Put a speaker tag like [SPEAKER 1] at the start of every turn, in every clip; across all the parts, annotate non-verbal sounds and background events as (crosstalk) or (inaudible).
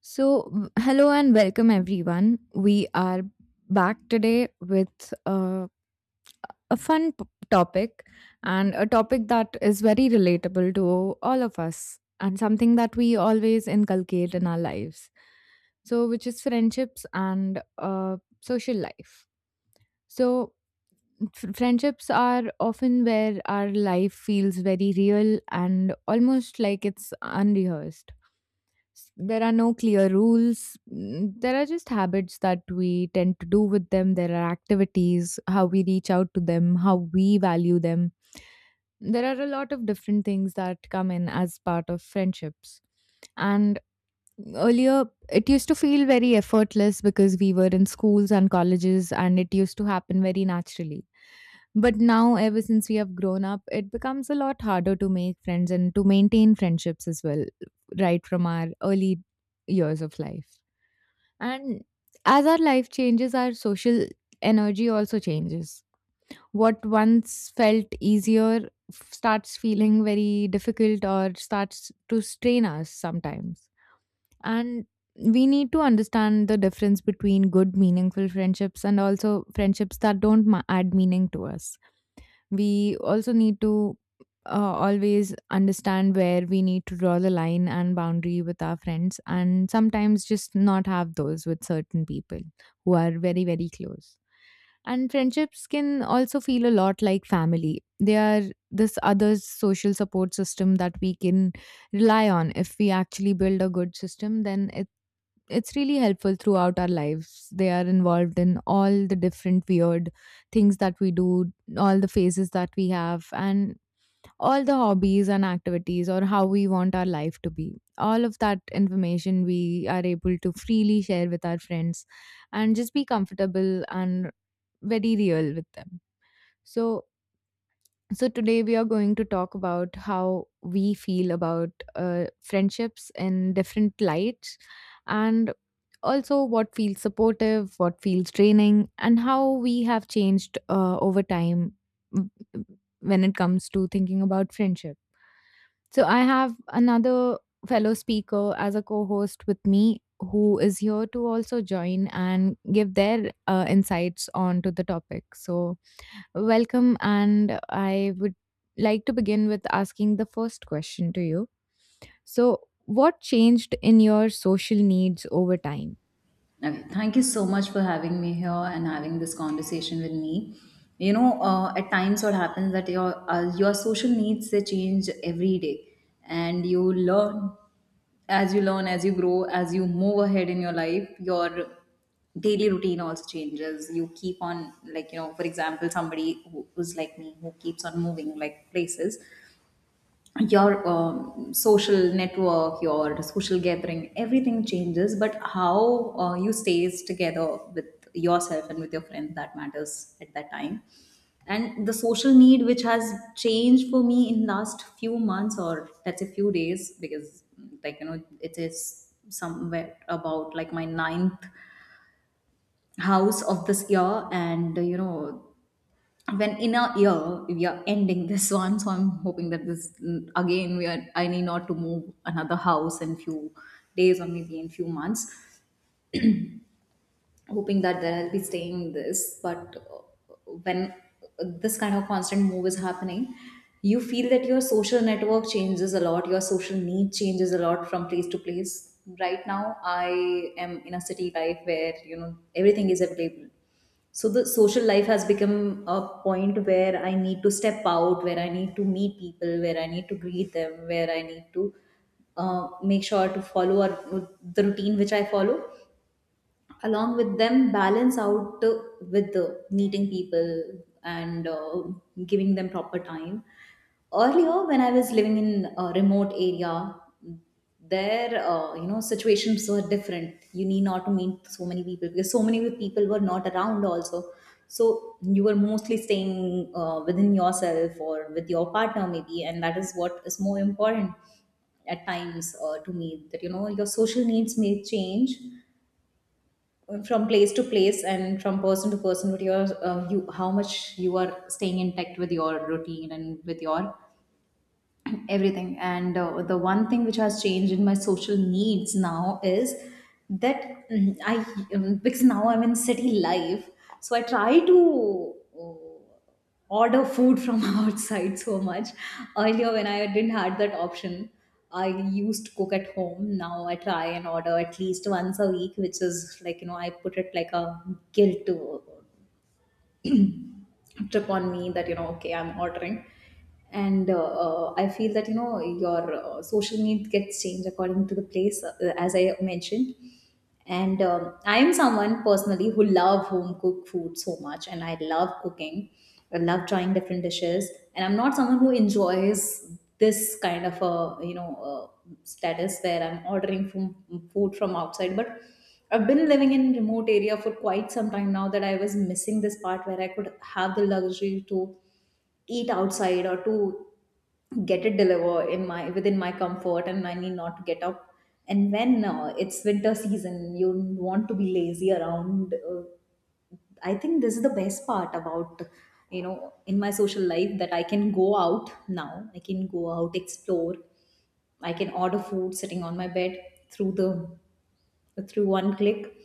[SPEAKER 1] Hello and welcome everyone. We are back today with a topic, and a topic that is very relatable to all of us and something that we always inculcate in our lives. So, which is friendships and social life. So, Friendships are often where our life feels very real and almost like it's unrehearsed. There are no clear rules. There are just habits that we tend to do with them. There are activities, how we reach out to them, how we value them. There are a lot of different things that come in as part of friendships. And earlier, it used to feel very effortless because we were in schools and colleges, and it used to happen very naturally. But now, ever since we have grown up, it becomes a lot harder to make friends and to maintain friendships as well, right from our early years of life. And as our life changes, our social energy also changes. What once felt easier starts feeling very difficult or starts to strain us sometimes. And we need to understand the difference between good, meaningful friendships and also friendships that don't add meaning to us. We also need to uh, always understand where we need to draw the line and boundary with our friends, and sometimes just not have those with certain people who are very very close. And friendships can also feel a lot like family. They are this other social support system that we can rely on. If we actually build a good system, then it's really helpful throughout our lives. They are involved in all the different weird things that we do, all the phases that we have, and all the hobbies and activities or how we want our life to be. All of that information we are able to freely share with our friends and just be comfortable and very real with them. So, so, today we are going to talk about how we feel about friendships in different lights, and also what feels supportive, what feels draining, and how we have changed over time, mm, when it comes to thinking about friendship. So, I have another fellow speaker as a co host with me who is here to also join and give their insights onto the topic. So, welcome, and I would like to begin with asking the first question to you. So, what changed in your social needs over time?
[SPEAKER 2] Okay, thank you so much for having me here and having this conversation with me. You know, at times what happens that your social needs they change every day, and you learn as you learn, as you grow, as you move ahead in your life, your daily routine also changes. You keep on, like, for example, somebody who's like me, who keeps on moving, like, places, your social network, your social gathering, everything changes. But how, you stays together with yourself and with your friends, that matters at that time. And the social need which has changed for me in last few months, or let's say few days, because, like, it is somewhere about like my ninth house of this year. And you know, when in a year we are ending this one, so I'm hoping that this mm, again we are I need not to move another house in few days or maybe in few months. Hoping that there I'll be staying this, but when this kind of constant move is happening, you feel that your social network changes a lot, your social need changes a lot from place to place. Right now I am in a city life where, you know, everything is available, so the social life has become a point where I need to step out, where I need to meet people, where I need to greet them, where I need to make sure to follow the routine which I follow along with them, balance out with the meeting people and giving them proper time. Earlier, when I was living in a remote area, there, you know, situations were different. You need not to meet so many people because so many people were not around also. So you were mostly staying within yourself, or with your partner maybe, and that is what is more important at times, to me, that, you know, your social needs may change from place to place and from person to person, with your you how much you are staying intact with your routine and with your everything. And the one thing which has changed in my social needs now is that, mm, I because now I'm in city life, so I try to uh, order food from (laughs) outside so much. Earlier, when I didn't had that option, I used to cook at home. Now I try and order at least once a week, which is like, I put it like a guilt to trip on me, that, okay, I'm ordering. And I feel that, your social need gets changed according to the place, as I mentioned. And I am someone personally who love home cooked food so much, and I love cooking. I love trying different dishes, and I'm not someone who enjoys this kind of a, status where I'm ordering from food from outside. But I've been living in remote area for quite some time now, that I was missing this part where I could have the luxury to eat outside, or to get it delivered in my within my comfort, and I need not to get up. And when, it's winter season, you want to be lazy around. I think this is the best part about, in my social life, that I can go out. Now I can go out, explore, I can order food sitting on my bed, through the through one click,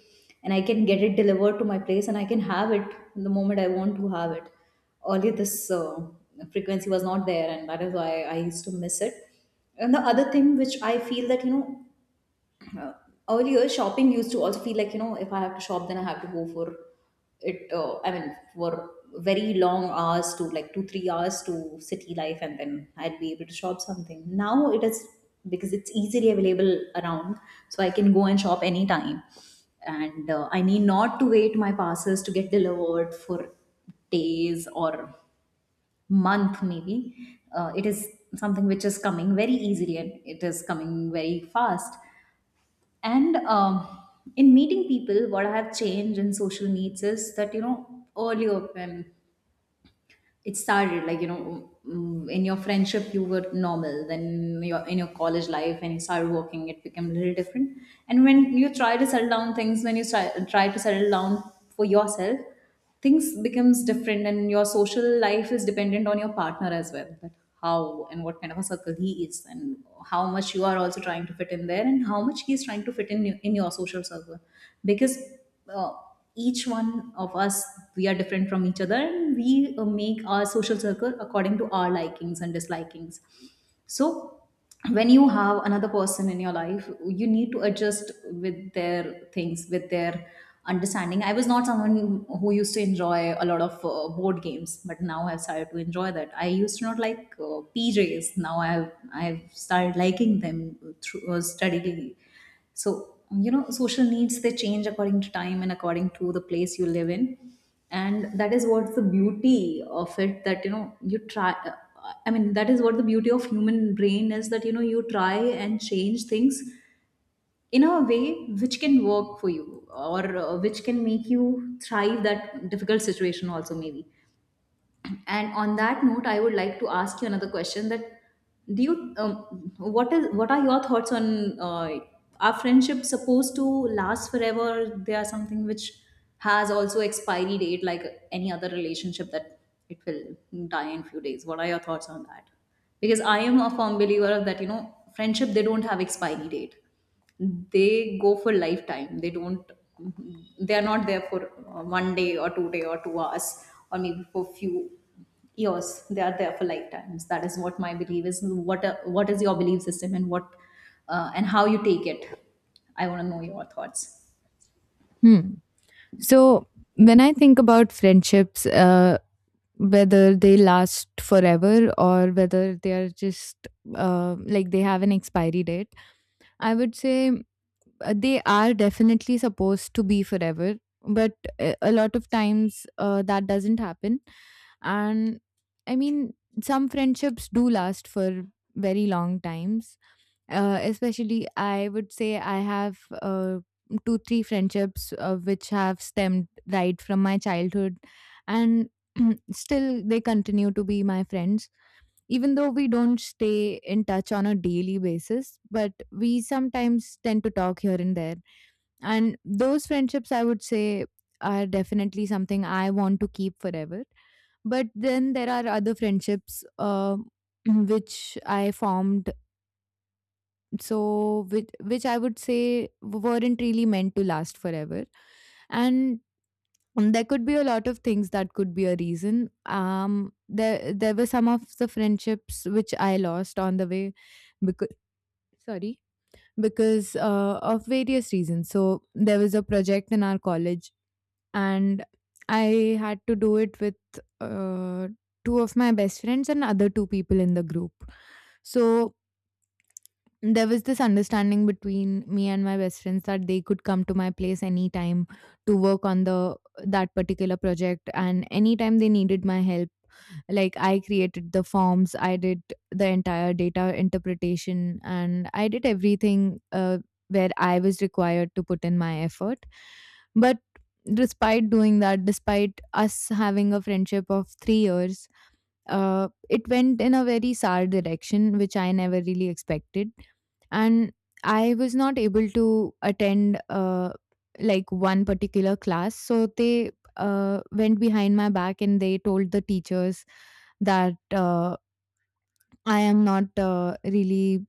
[SPEAKER 2] and I can get it delivered to my place, and I can have it the moment I want to have it. Earlier, this frequency was not there, and that is why I used to miss it. And the other thing which I feel that, you know, uh, earlier shopping used to also feel like, if I have to shop, then I have to go for it, I mean, for very long hours, to like 2 3 hours to city life, and then I'd be able to shop something. Now it is, because it's easily available around, so I can go and shop anytime. And I need not to wait my parcels to get delivered for days, or month maybe. It is something which is coming very easily, and it is coming very fast. And in meeting people, what I have changed in social meets is that, you know, earlier when it started, like, in your friendship you were normal. Then your in your college life, when you started working, it became a little different. And when you try to settle down things, when you try to settle down for yourself, things becomes different. And your social life is dependent on your partner as well, that how and what kind of a circle he is, and how much you are also trying to fit in there, and how much he is trying to fit in your social circle, because, uh, each one of us, we are different from each other, and we make our social circle according to our likings and dislikings. So when you have another person in your life, you need to adjust with their things, with their understanding. I was not someone who used to enjoy a lot of board games, but now I've started to enjoy that. I used to not like, pjs, now I've started liking them through, steadily. So, you know, social needs they change according to time and according to the place you live in. And that is what's the beauty of it, that, you know, you try, I mean, that is what the beauty of human brain is, that, you know, you try and change things in a way which can work for you, or which can make you thrive that difficult situation also, maybe. And on that note, I would like to ask you another question, that do you what is what are your thoughts on, are friendships supposed to last forever, they are something which has also expiry date, like any other relationship, that it will die in few days? What are your thoughts on that? Because I am a firm believer of that, you know, friendship they don't have expiry date, they go for lifetime, they don't, they are not there for one day or 2 day or 2 hours, or maybe for few years, they are there for lifetimes. That is what my belief is. What is your belief system, and what and how you take it? I want to know your thoughts.
[SPEAKER 1] Hmm. So, when I think about friendships, whether they last forever or whether they are just like they have an expiry date, I would say they are definitely supposed to be forever. But a lot of times that doesn't happen. And I mean, some friendships do last for very long times, especially I would say I have two, three friendships which have stemmed right from my childhood, and (clears throat) still they continue to be my friends. Even though we don't stay in touch on a daily basis, but we sometimes tend to talk here and there. And those friendships, I would say, are definitely something I want to keep forever. But then there are other friendships, (clears throat) which I formed, so which I would say weren't really meant to last forever. And there could be a lot of things that could be a reason. There were some of the friendships which I lost on the way because, sorry, because of various reasons. So there was a project in our college, and I had to do it with uh, two of my best friends and other two people in the group. So there was this understanding between me and my best friends that they could come to my place anytime to work on the that particular project, and anytime they needed my help, like I created the forms, I did the entire data interpretation, and I did everything where I was required to put in my effort. But despite doing that, despite us having a friendship of 3 years, it went in a very sad direction which I never really expected. And I was not able to attend like one particular class, so they went behind my back and they told the teachers that, I am not really,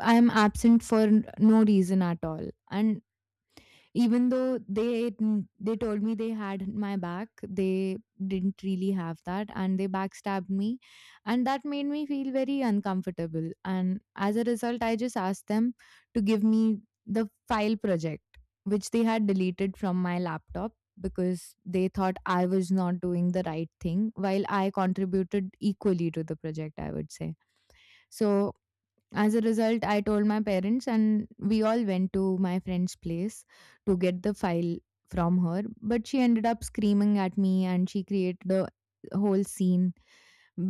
[SPEAKER 1] I am absent for no reason at all. And even though they told me they had my back, they didn't really have that, and they backstabbed me. And that made me feel very uncomfortable, and as a result I just asked them to give me the file project which they had deleted from my laptop, because they thought I was not doing the right thing while I contributed equally to the project, I would say. So as a result, I told my parents, and we all went to my friend's place to get the file from her. But she ended up screaming at me, and she created a whole scene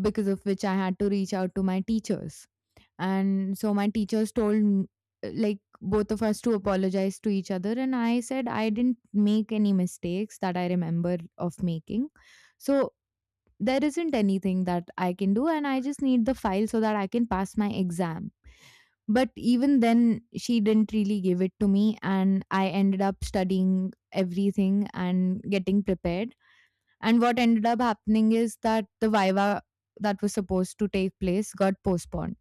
[SPEAKER 1] because of which I had to reach out to my teachers. And so my teachers told like both of us to apologize to each other, and I said I didn't make any mistakes that I remember of making. So there isn't anything that I can do, and I just need the file so that I can pass my exam. But even then, she didn't really give it to me, and I ended up studying everything and getting prepared. And what ended up happening is that the viva that was supposed to take place got postponed.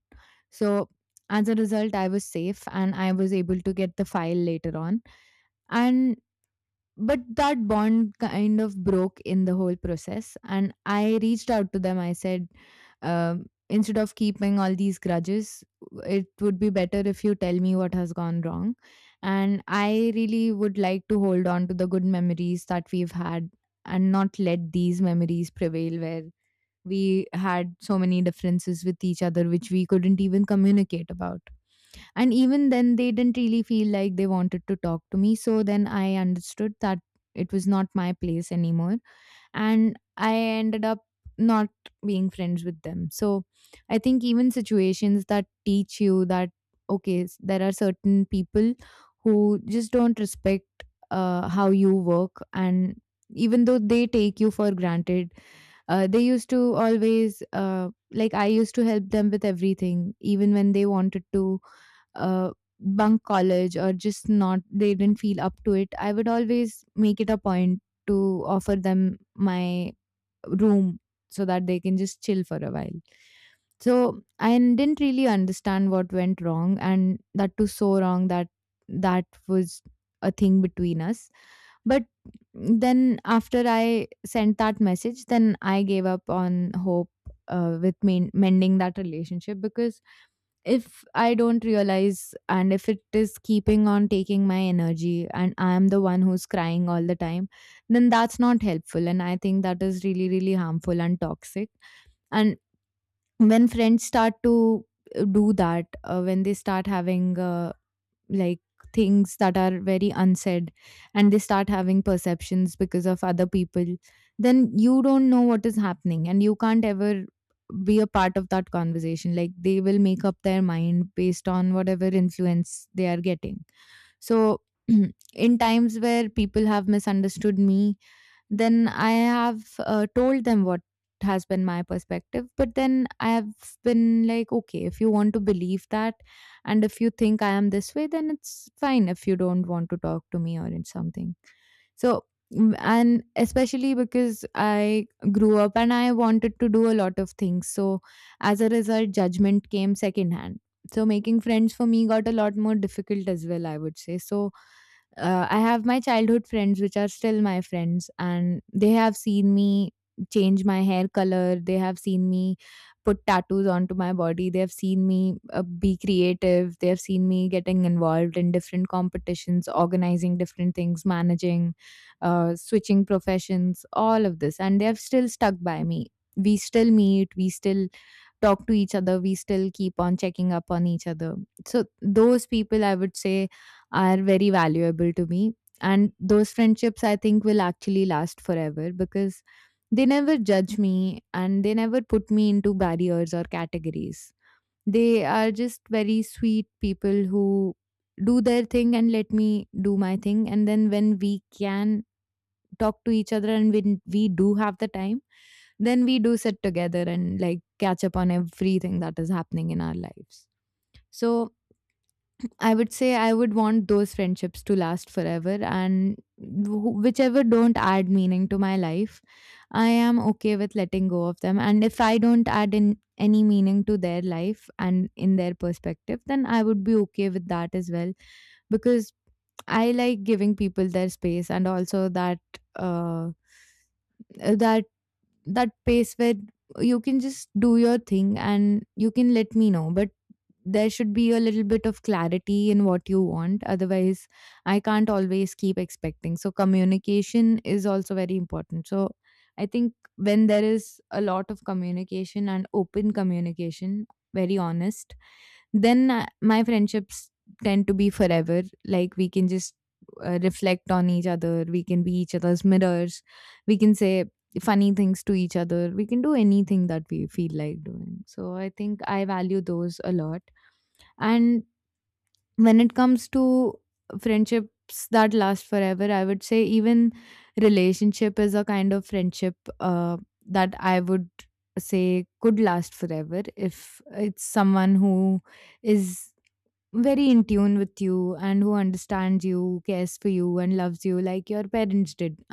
[SPEAKER 1] So, as a result, I was safe and I was able to get the file later on. And but that bond kind of broke in the whole process, and I reached out to them. I said, instead of keeping all these grudges, it would be better if you tell me what has gone wrong, and I really would like to hold on to the good memories that we've had, and not let these memories prevail where we had so many differences with each other which we couldn't even communicate about. And even then, they didn't really feel like they wanted to talk to me. So then I understood that it was not my place anymore. And I ended up not being friends with them. So I think even situations that teach you that, okay, there are certain people who just don't respect how you work. And even though they take you for granted, they used to always like I used to help them with everything, even when they wanted to uh, bunk college, or just not, they didn't feel up to it. I would always make it a point to offer them my room so that they can just chill for a while. So I didn't really understand what went wrong, and that too so wrong that that was a thing between us. But then after I sent that message, then I gave up on hope with mending that relationship. Because if I don't realize, and if it is keeping on taking my energy and I am the one who's crying all the time, then that's not helpful. And I think that is really, really harmful and toxic. And when friends start to do that, when they start having like things that are very unsaid, and they start having perceptions because of other people, then you don't know what is happening, and you can't ever be a part of that conversation. Like they will make up their mind based on whatever influence they are getting. So (clears throat) in times where people have misunderstood me, then I have told them what has been my perspective. But then I have been like, okay, if you want to believe that, and if you think I am this way, then it's fine if you don't want to talk to me or in something. So, and especially because I grew up and I wanted to do a lot of things. So, as a result, judgment came secondhand. So, making friends for me got a lot more difficult as well, I would say. So, I have my childhood friends, which are still my friends, and they have seen me change my hair color. They have seen me put tattoos onto my body. They have seen me be creative. They have seen me getting involved in different competitions, organizing different things, managing, switching professions, all of this. And they have still stuck by me. We still meet, we still talk to each other, we still keep on checking up on each other. So, those people, I would say, are very valuable to me. And those friendships, I think, will actually last forever because they never judge me and they never put me into barriers or categories. They are just very sweet people who do their thing and let me do my thing. And then when we can talk to each other and when we do have the time, then we do sit together and like catch up on everything that is happening in our lives. So I would say I would want those friendships to last forever, and whichever don't add meaning to my life, I am okay with letting go of them. And if I don't add in any meaning to their life and in their perspective, then I would be okay with that as well, because I like giving people their space, and also that, uh, that that pace where you can just do your thing and you can let me know, but there should be a little bit of clarity in what you want, otherwise I can't always keep expecting. So communication is also very important. So I think when there is a lot of communication and open communication, very honest, then my friendships tend to be forever. Like we can just reflect on each other. We can be each other's mirrors. We can say funny things to each other. We can do anything that we feel like doing. So I think I value those a lot. And when it comes to friendships that last forever, I would say even relationship is a kind of friendship that I would say could last forever if it's someone who is very in tune with you and who understands you, cares for you, and loves you like your parents did.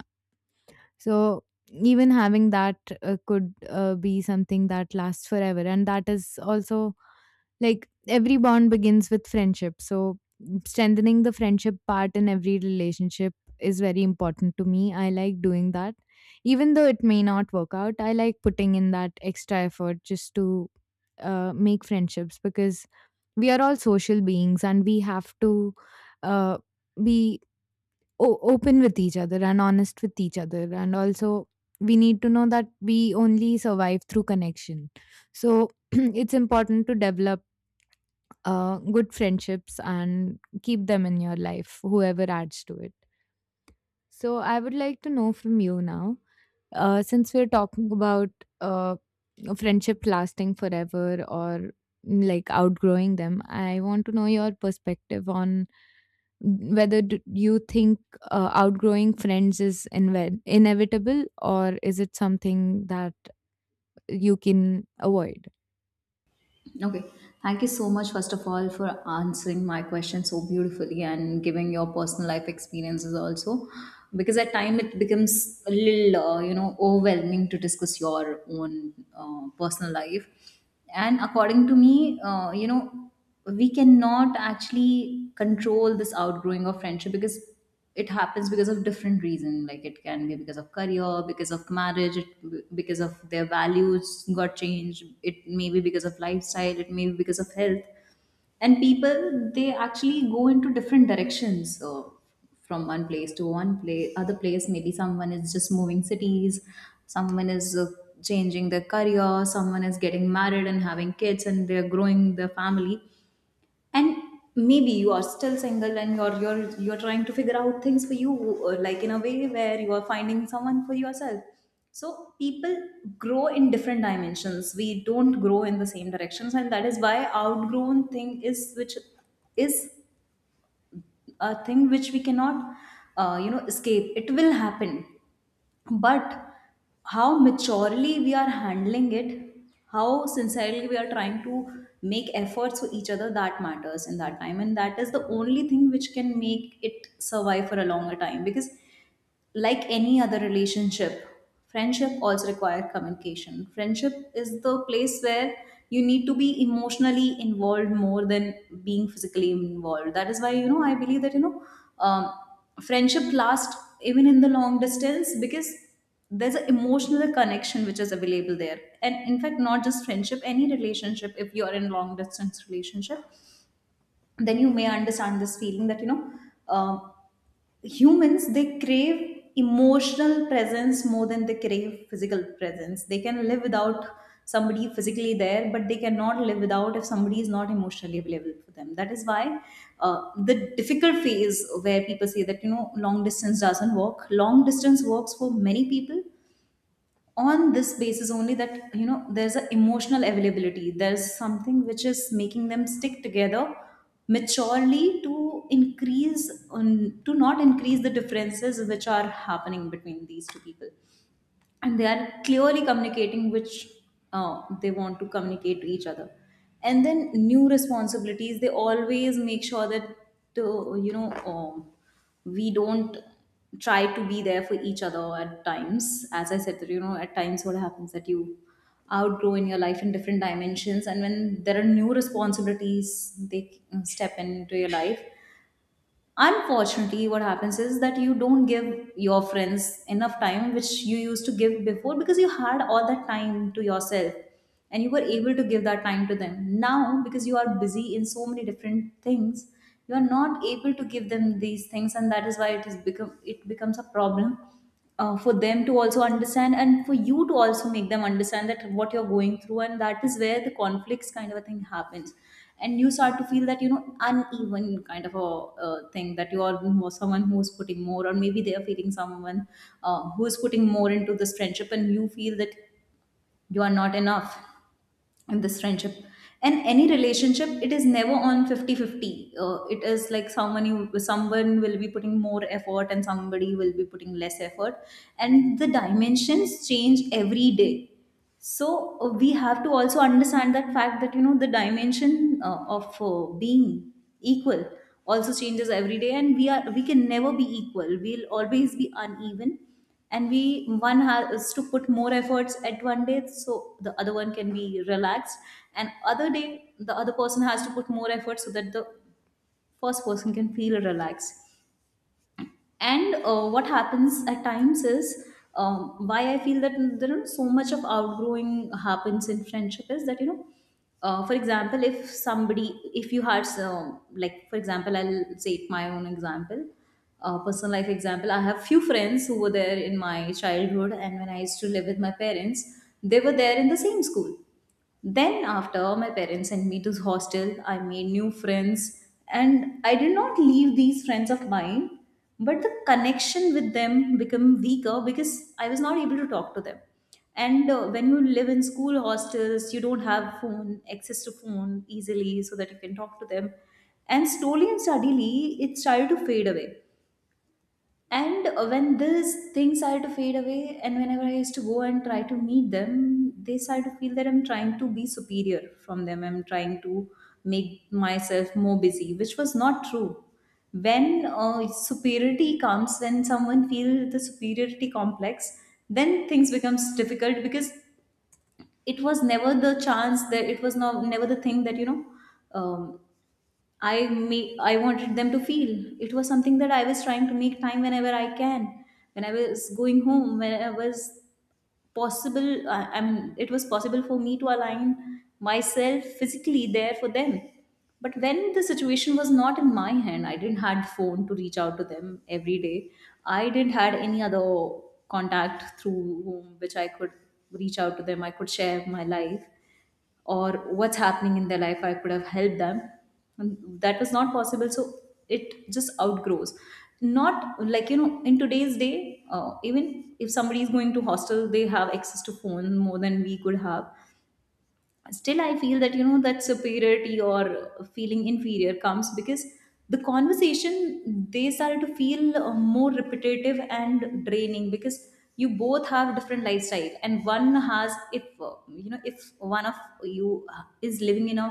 [SPEAKER 1] So, even having that could be something that lasts forever, and that is also like every bond begins with friendship. So strengthening the friendship part in every relationship is very important to me. I like doing that. Even though it may not work out, I like putting in that extra effort just to make friendships, because we are all social beings and we have to uh, be open with each other and honest with each other. And also, we need to know that we only survive through connection. So, (clears throat) it's important to develop good friendships and keep them in your life, whoever adds to it. So, I would like to know from you now, since we're talking about uh, friendship lasting forever or, like outgrowing them, I want to know your perspective on whether do you think outgrowing friends is inevitable, or is it something that you can avoid?
[SPEAKER 2] Okay. Thank you so much, first of all, for answering my question so beautifully, and giving your personal life experiences also. Because at time it becomes a little, overwhelming to discuss your own personal life. And according to me, we cannot actually control this outgrowing of friendship, because it happens because of different reason, like it can be because of career, because of marriage, because of their values got changed, it may be because of lifestyle, it may be because of health. And people, they actually go into different directions. So from one place to one place other place, maybe someone is just moving cities, someone is changing their career, someone is getting married and having kids, and they're growing their family. And maybe you are still single, and you're trying to figure out things for you, like, in a way where you are finding someone for yourself. So people grow in different dimensions, we don't grow in the same directions, and that is why outgrown thing is a thing which we cannot, escape. It will happen. But how maturely we are handling it, how sincerely we are trying to make efforts for each other, that matters in that time, and that is the only thing which can make it survive for a longer time. Because like any other relationship, friendship also require communication. Friendship is the place where you need to be emotionally involved more than being physically involved. That is why, you know, I believe that, um, friendship lasts even in the long distance, because there's an emotional connection which is available there. And in fact, not just friendship, any relationship, if you are in long distance relationship, then you may understand this feeling, that, um humans they crave emotional presence more than they crave physical presence. They can live without somebody physically there, but they cannot live without, if somebody is not emotionally available for them. That is why, the difficult phase where people say that, long distance doesn't work. Long distance works for many people on This basis only that, you know, there's an emotional availability, there's something which is making them stick together maturely to increase on to not increase the differences which are happening between these two people, and they are clearly communicating which they want to communicate to each other. And then new responsibilities, they always make sure that uh, you know um, we don't try to be there for each other at times. As I said that, you know, at times what happens that you outgrow in your life in different dimensions, and when there are new responsibilities, they step into your life. Unfortunately, what happens is that you don't give your friends enough time which you used to give before, because you had all that time to yourself and you were able to give that time to them. Now, because you are busy in so many different things, you are not able to give them these things, and that is why it becomes a problem for them to also understand and for you to also make them understand that what you're going through, and that is where the conflicts kind of a thing happens. And you start to feel that, you know, uneven kind of a thing, that you are more someone who's putting more, or maybe they are feeling someone who's putting more into this friendship, and you feel that you are not enough in this friendship. And any relationship, it is never on 50 50. It is like someone will be putting more effort and somebody will be putting less effort, and the dimensions change every day. So we have to also understand that fact that, you know, the dimension of being equal also changes every day, and we can never be equal. We'll always be uneven, and we one has to put more efforts at one day, so the other one can be relaxed, and other day the other person has to put more effort so that the first person can feel relaxed. And what happens at times is, why I feel that there is so much of outgrowing happens in friendship is that, you know, for example, if somebody, if you had, so like for example, I'll say my own example. Personal life example: I have few friends who were there in my childhood, and when I used to live with my parents, they were there in the same school. Then, after my parents sent me to hostel, I made new friends, and I did not leave these friends of mine, but the connection with them became weaker because I was not able to talk to them. And when you live in school hostels, you don't have phone, access to phone easily so that you can talk to them. And slowly and steadily, it started to fade away. And when these things are to fade away, and whenever I used to go and try to meet them, they start to feel that I'm trying to be superior from them. I'm trying to make myself more busy, which was not true. When superiority comes, when someone feels the superiority complex, then things becomes difficult, because it was never the chance, that it was not never the thing that, you know, um, I make, I wanted them to feel. It was something that I was trying to make time whenever I can, when I was going home, when I was possible. I mean, it was possible for me to align myself physically there for them. But when the situation was not in my hand, I didn't had phone to reach out to them every day. I didn't had any other contact through whom, which I could reach out to them. I could share my life or what's happening in their life, I could have helped them, and that was not possible. So it just outgrows, not like, you know, in today's day, even if somebody is going to hostel, they have access to phone more than we could have. Still I feel that, you know, that superiority or feeling inferior comes because the conversation, they started to feel more repetitive and draining, because you both have different lifestyle, and one has, if you know, if one of you is living in a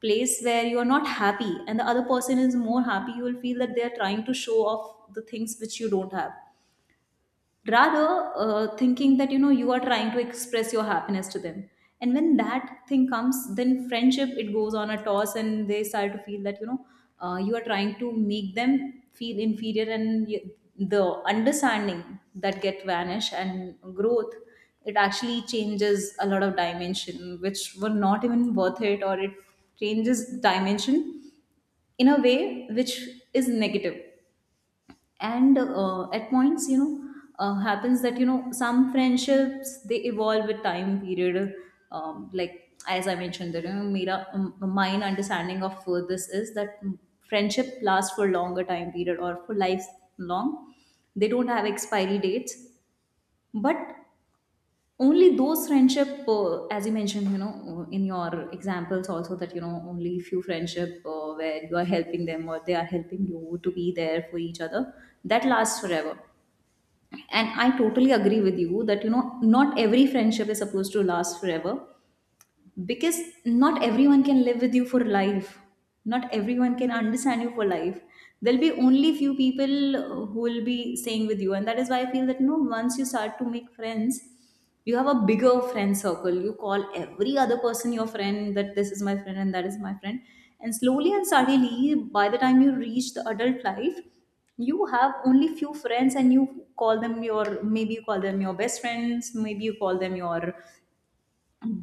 [SPEAKER 2] place where you are not happy, and the other person is more happy, you will feel that they are trying to show off the things which you don't have, rather thinking that, you know, you are trying to express your happiness to them. And when that thing comes, then friendship, it goes on a toss, and they start to feel that, you know, you are trying to make them feel inferior, and you, the understanding that get vanish, and growth, it actually changes a lot of dimension which were not even worth it, or it changes dimension in a way which is negative. And at points, you know, happens that, you know, some friendships they evolve with time period. Like as I mentioned that, you know, Mira, mine understanding of this is that friendship lasts for longer time period or for life long. They don't have expiry dates. But only those friendship as you mentioned, you know, in your examples also, that, you know, only few friendship where you are helping them or they are helping you to be there for each other, that lasts forever. And I totally agree with you that, you know, not every friendship is supposed to last forever, because not everyone can live with you for life, not everyone can understand you for life. There'll be only few people who will be staying with you, and that is why I feel that no. Once you start to make friends, you have a bigger friend circle, you call every other person your friend, that this is my friend and that is my friend. And slowly and steadily, by the time you reach the adult life, you have only few friends, and you call them your, maybe you call them your best friends, maybe you call them your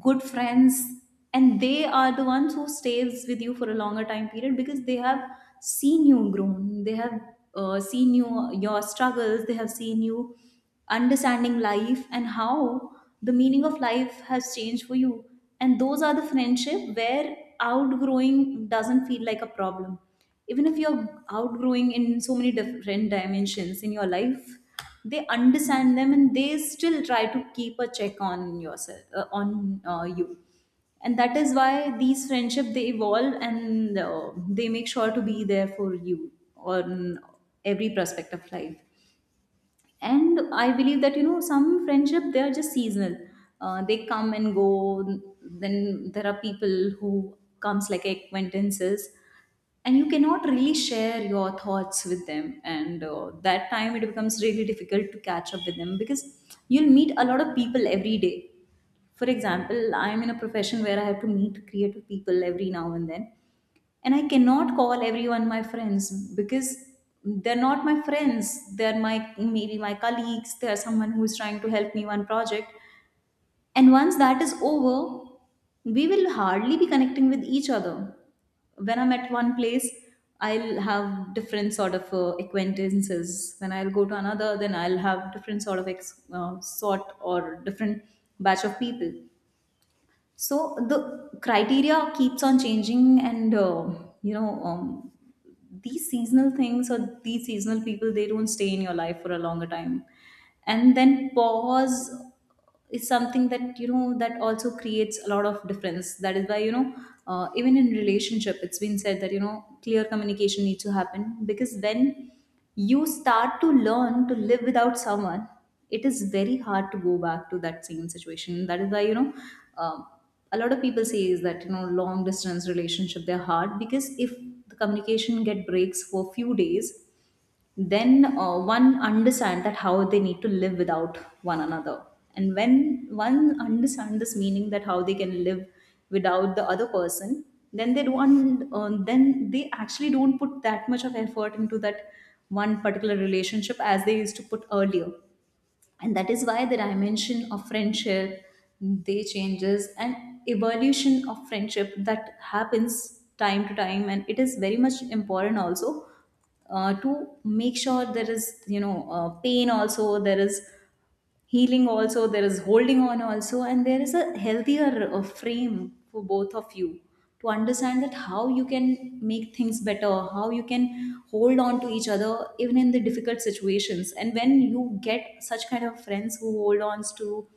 [SPEAKER 2] good friends. And they are the ones who stays with you for a longer time period, because they have seen you grown, they have seen you your struggles, they have seen you understanding life and how the meaning of life has changed for you. And those are the friendship where outgrowing doesn't feel like a problem. Even if you're outgrowing in so many different dimensions in your life, they understand them, and they still try to keep a check on yourself, on you. And that is why these friendship, they evolve, and they make sure to be there for you on every prospect of life. And I believe that, you know, some friendship, they are just seasonal. They come and go. Then there are people who comes like acquaintances, and you cannot really share your thoughts with them, and that time it becomes really difficult to catch up with them, because you'll meet a lot of people every day. For example, I'm in a profession where I have to meet creative people every now and then, and I cannot call everyone my friends, because they're not my friends. They're my, maybe my colleagues, they're someone who's trying to help me one project, and once that is over, we will hardly be connecting with each other. When I'm at one place, I'll have different sort of acquaintances. When I'll go to another, then I'll have different sort of sort, or different batch of people. So the criteria keeps on changing, and you know um, these seasonal things, or these seasonal people, they don't stay in your life for a longer time. And then pause is something that, you know, that also creates a lot of difference. That is why, you know, even in relationship, it's been said that, you know, clear communication needs to happen, because when you start to learn to live without someone, it is very hard to go back to that same situation. That is why, you know, um, a lot of people say is that, you know, long distance relationship, they're hard, because if the communication get breaks for few days, then one understand that how they need to live without one another. And when one understand this meaning, that how they can live without the other person, then they don't then they actually don't put that much of effort into that one particular relationship as they used to put earlier. And that is why the dimension of friendship, they changes, and evolution of friendship that happens time to time, and it is very much important also to make sure there is, you know, pain also, there is healing also, there is holding on also, and there is a healthier frame for both of you to understand that how you can make things better, how you can hold on to each other even in the difficult situations. And when you get such kind of friends who hold on to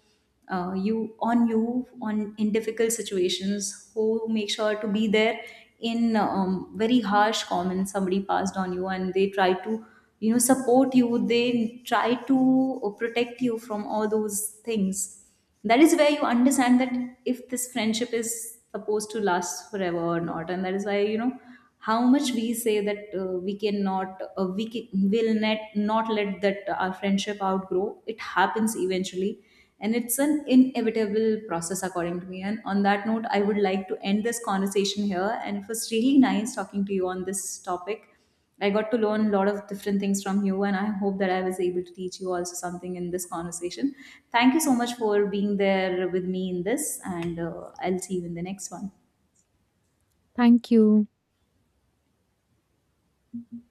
[SPEAKER 2] you on in difficult situations, who make sure to be there in very harsh comments somebody passed on you, and they try to, you know, support you, they try to protect you from all those things, that is where you understand that if this friendship is supposed to last forever or not. And that is why, you know, how much we say that we cannot we can, will net, not let that our friendship outgrow, it happens eventually, and it's an inevitable process according to me. And on that note, I would like to end this conversation here, and it was really nice talking to you on this topic. I got to learn a lot of different things from you, and I hope that I was able to teach you also something in this conversation. Thank you so much for being there with me in this, and I'll see you in the next one.
[SPEAKER 1] Thank you.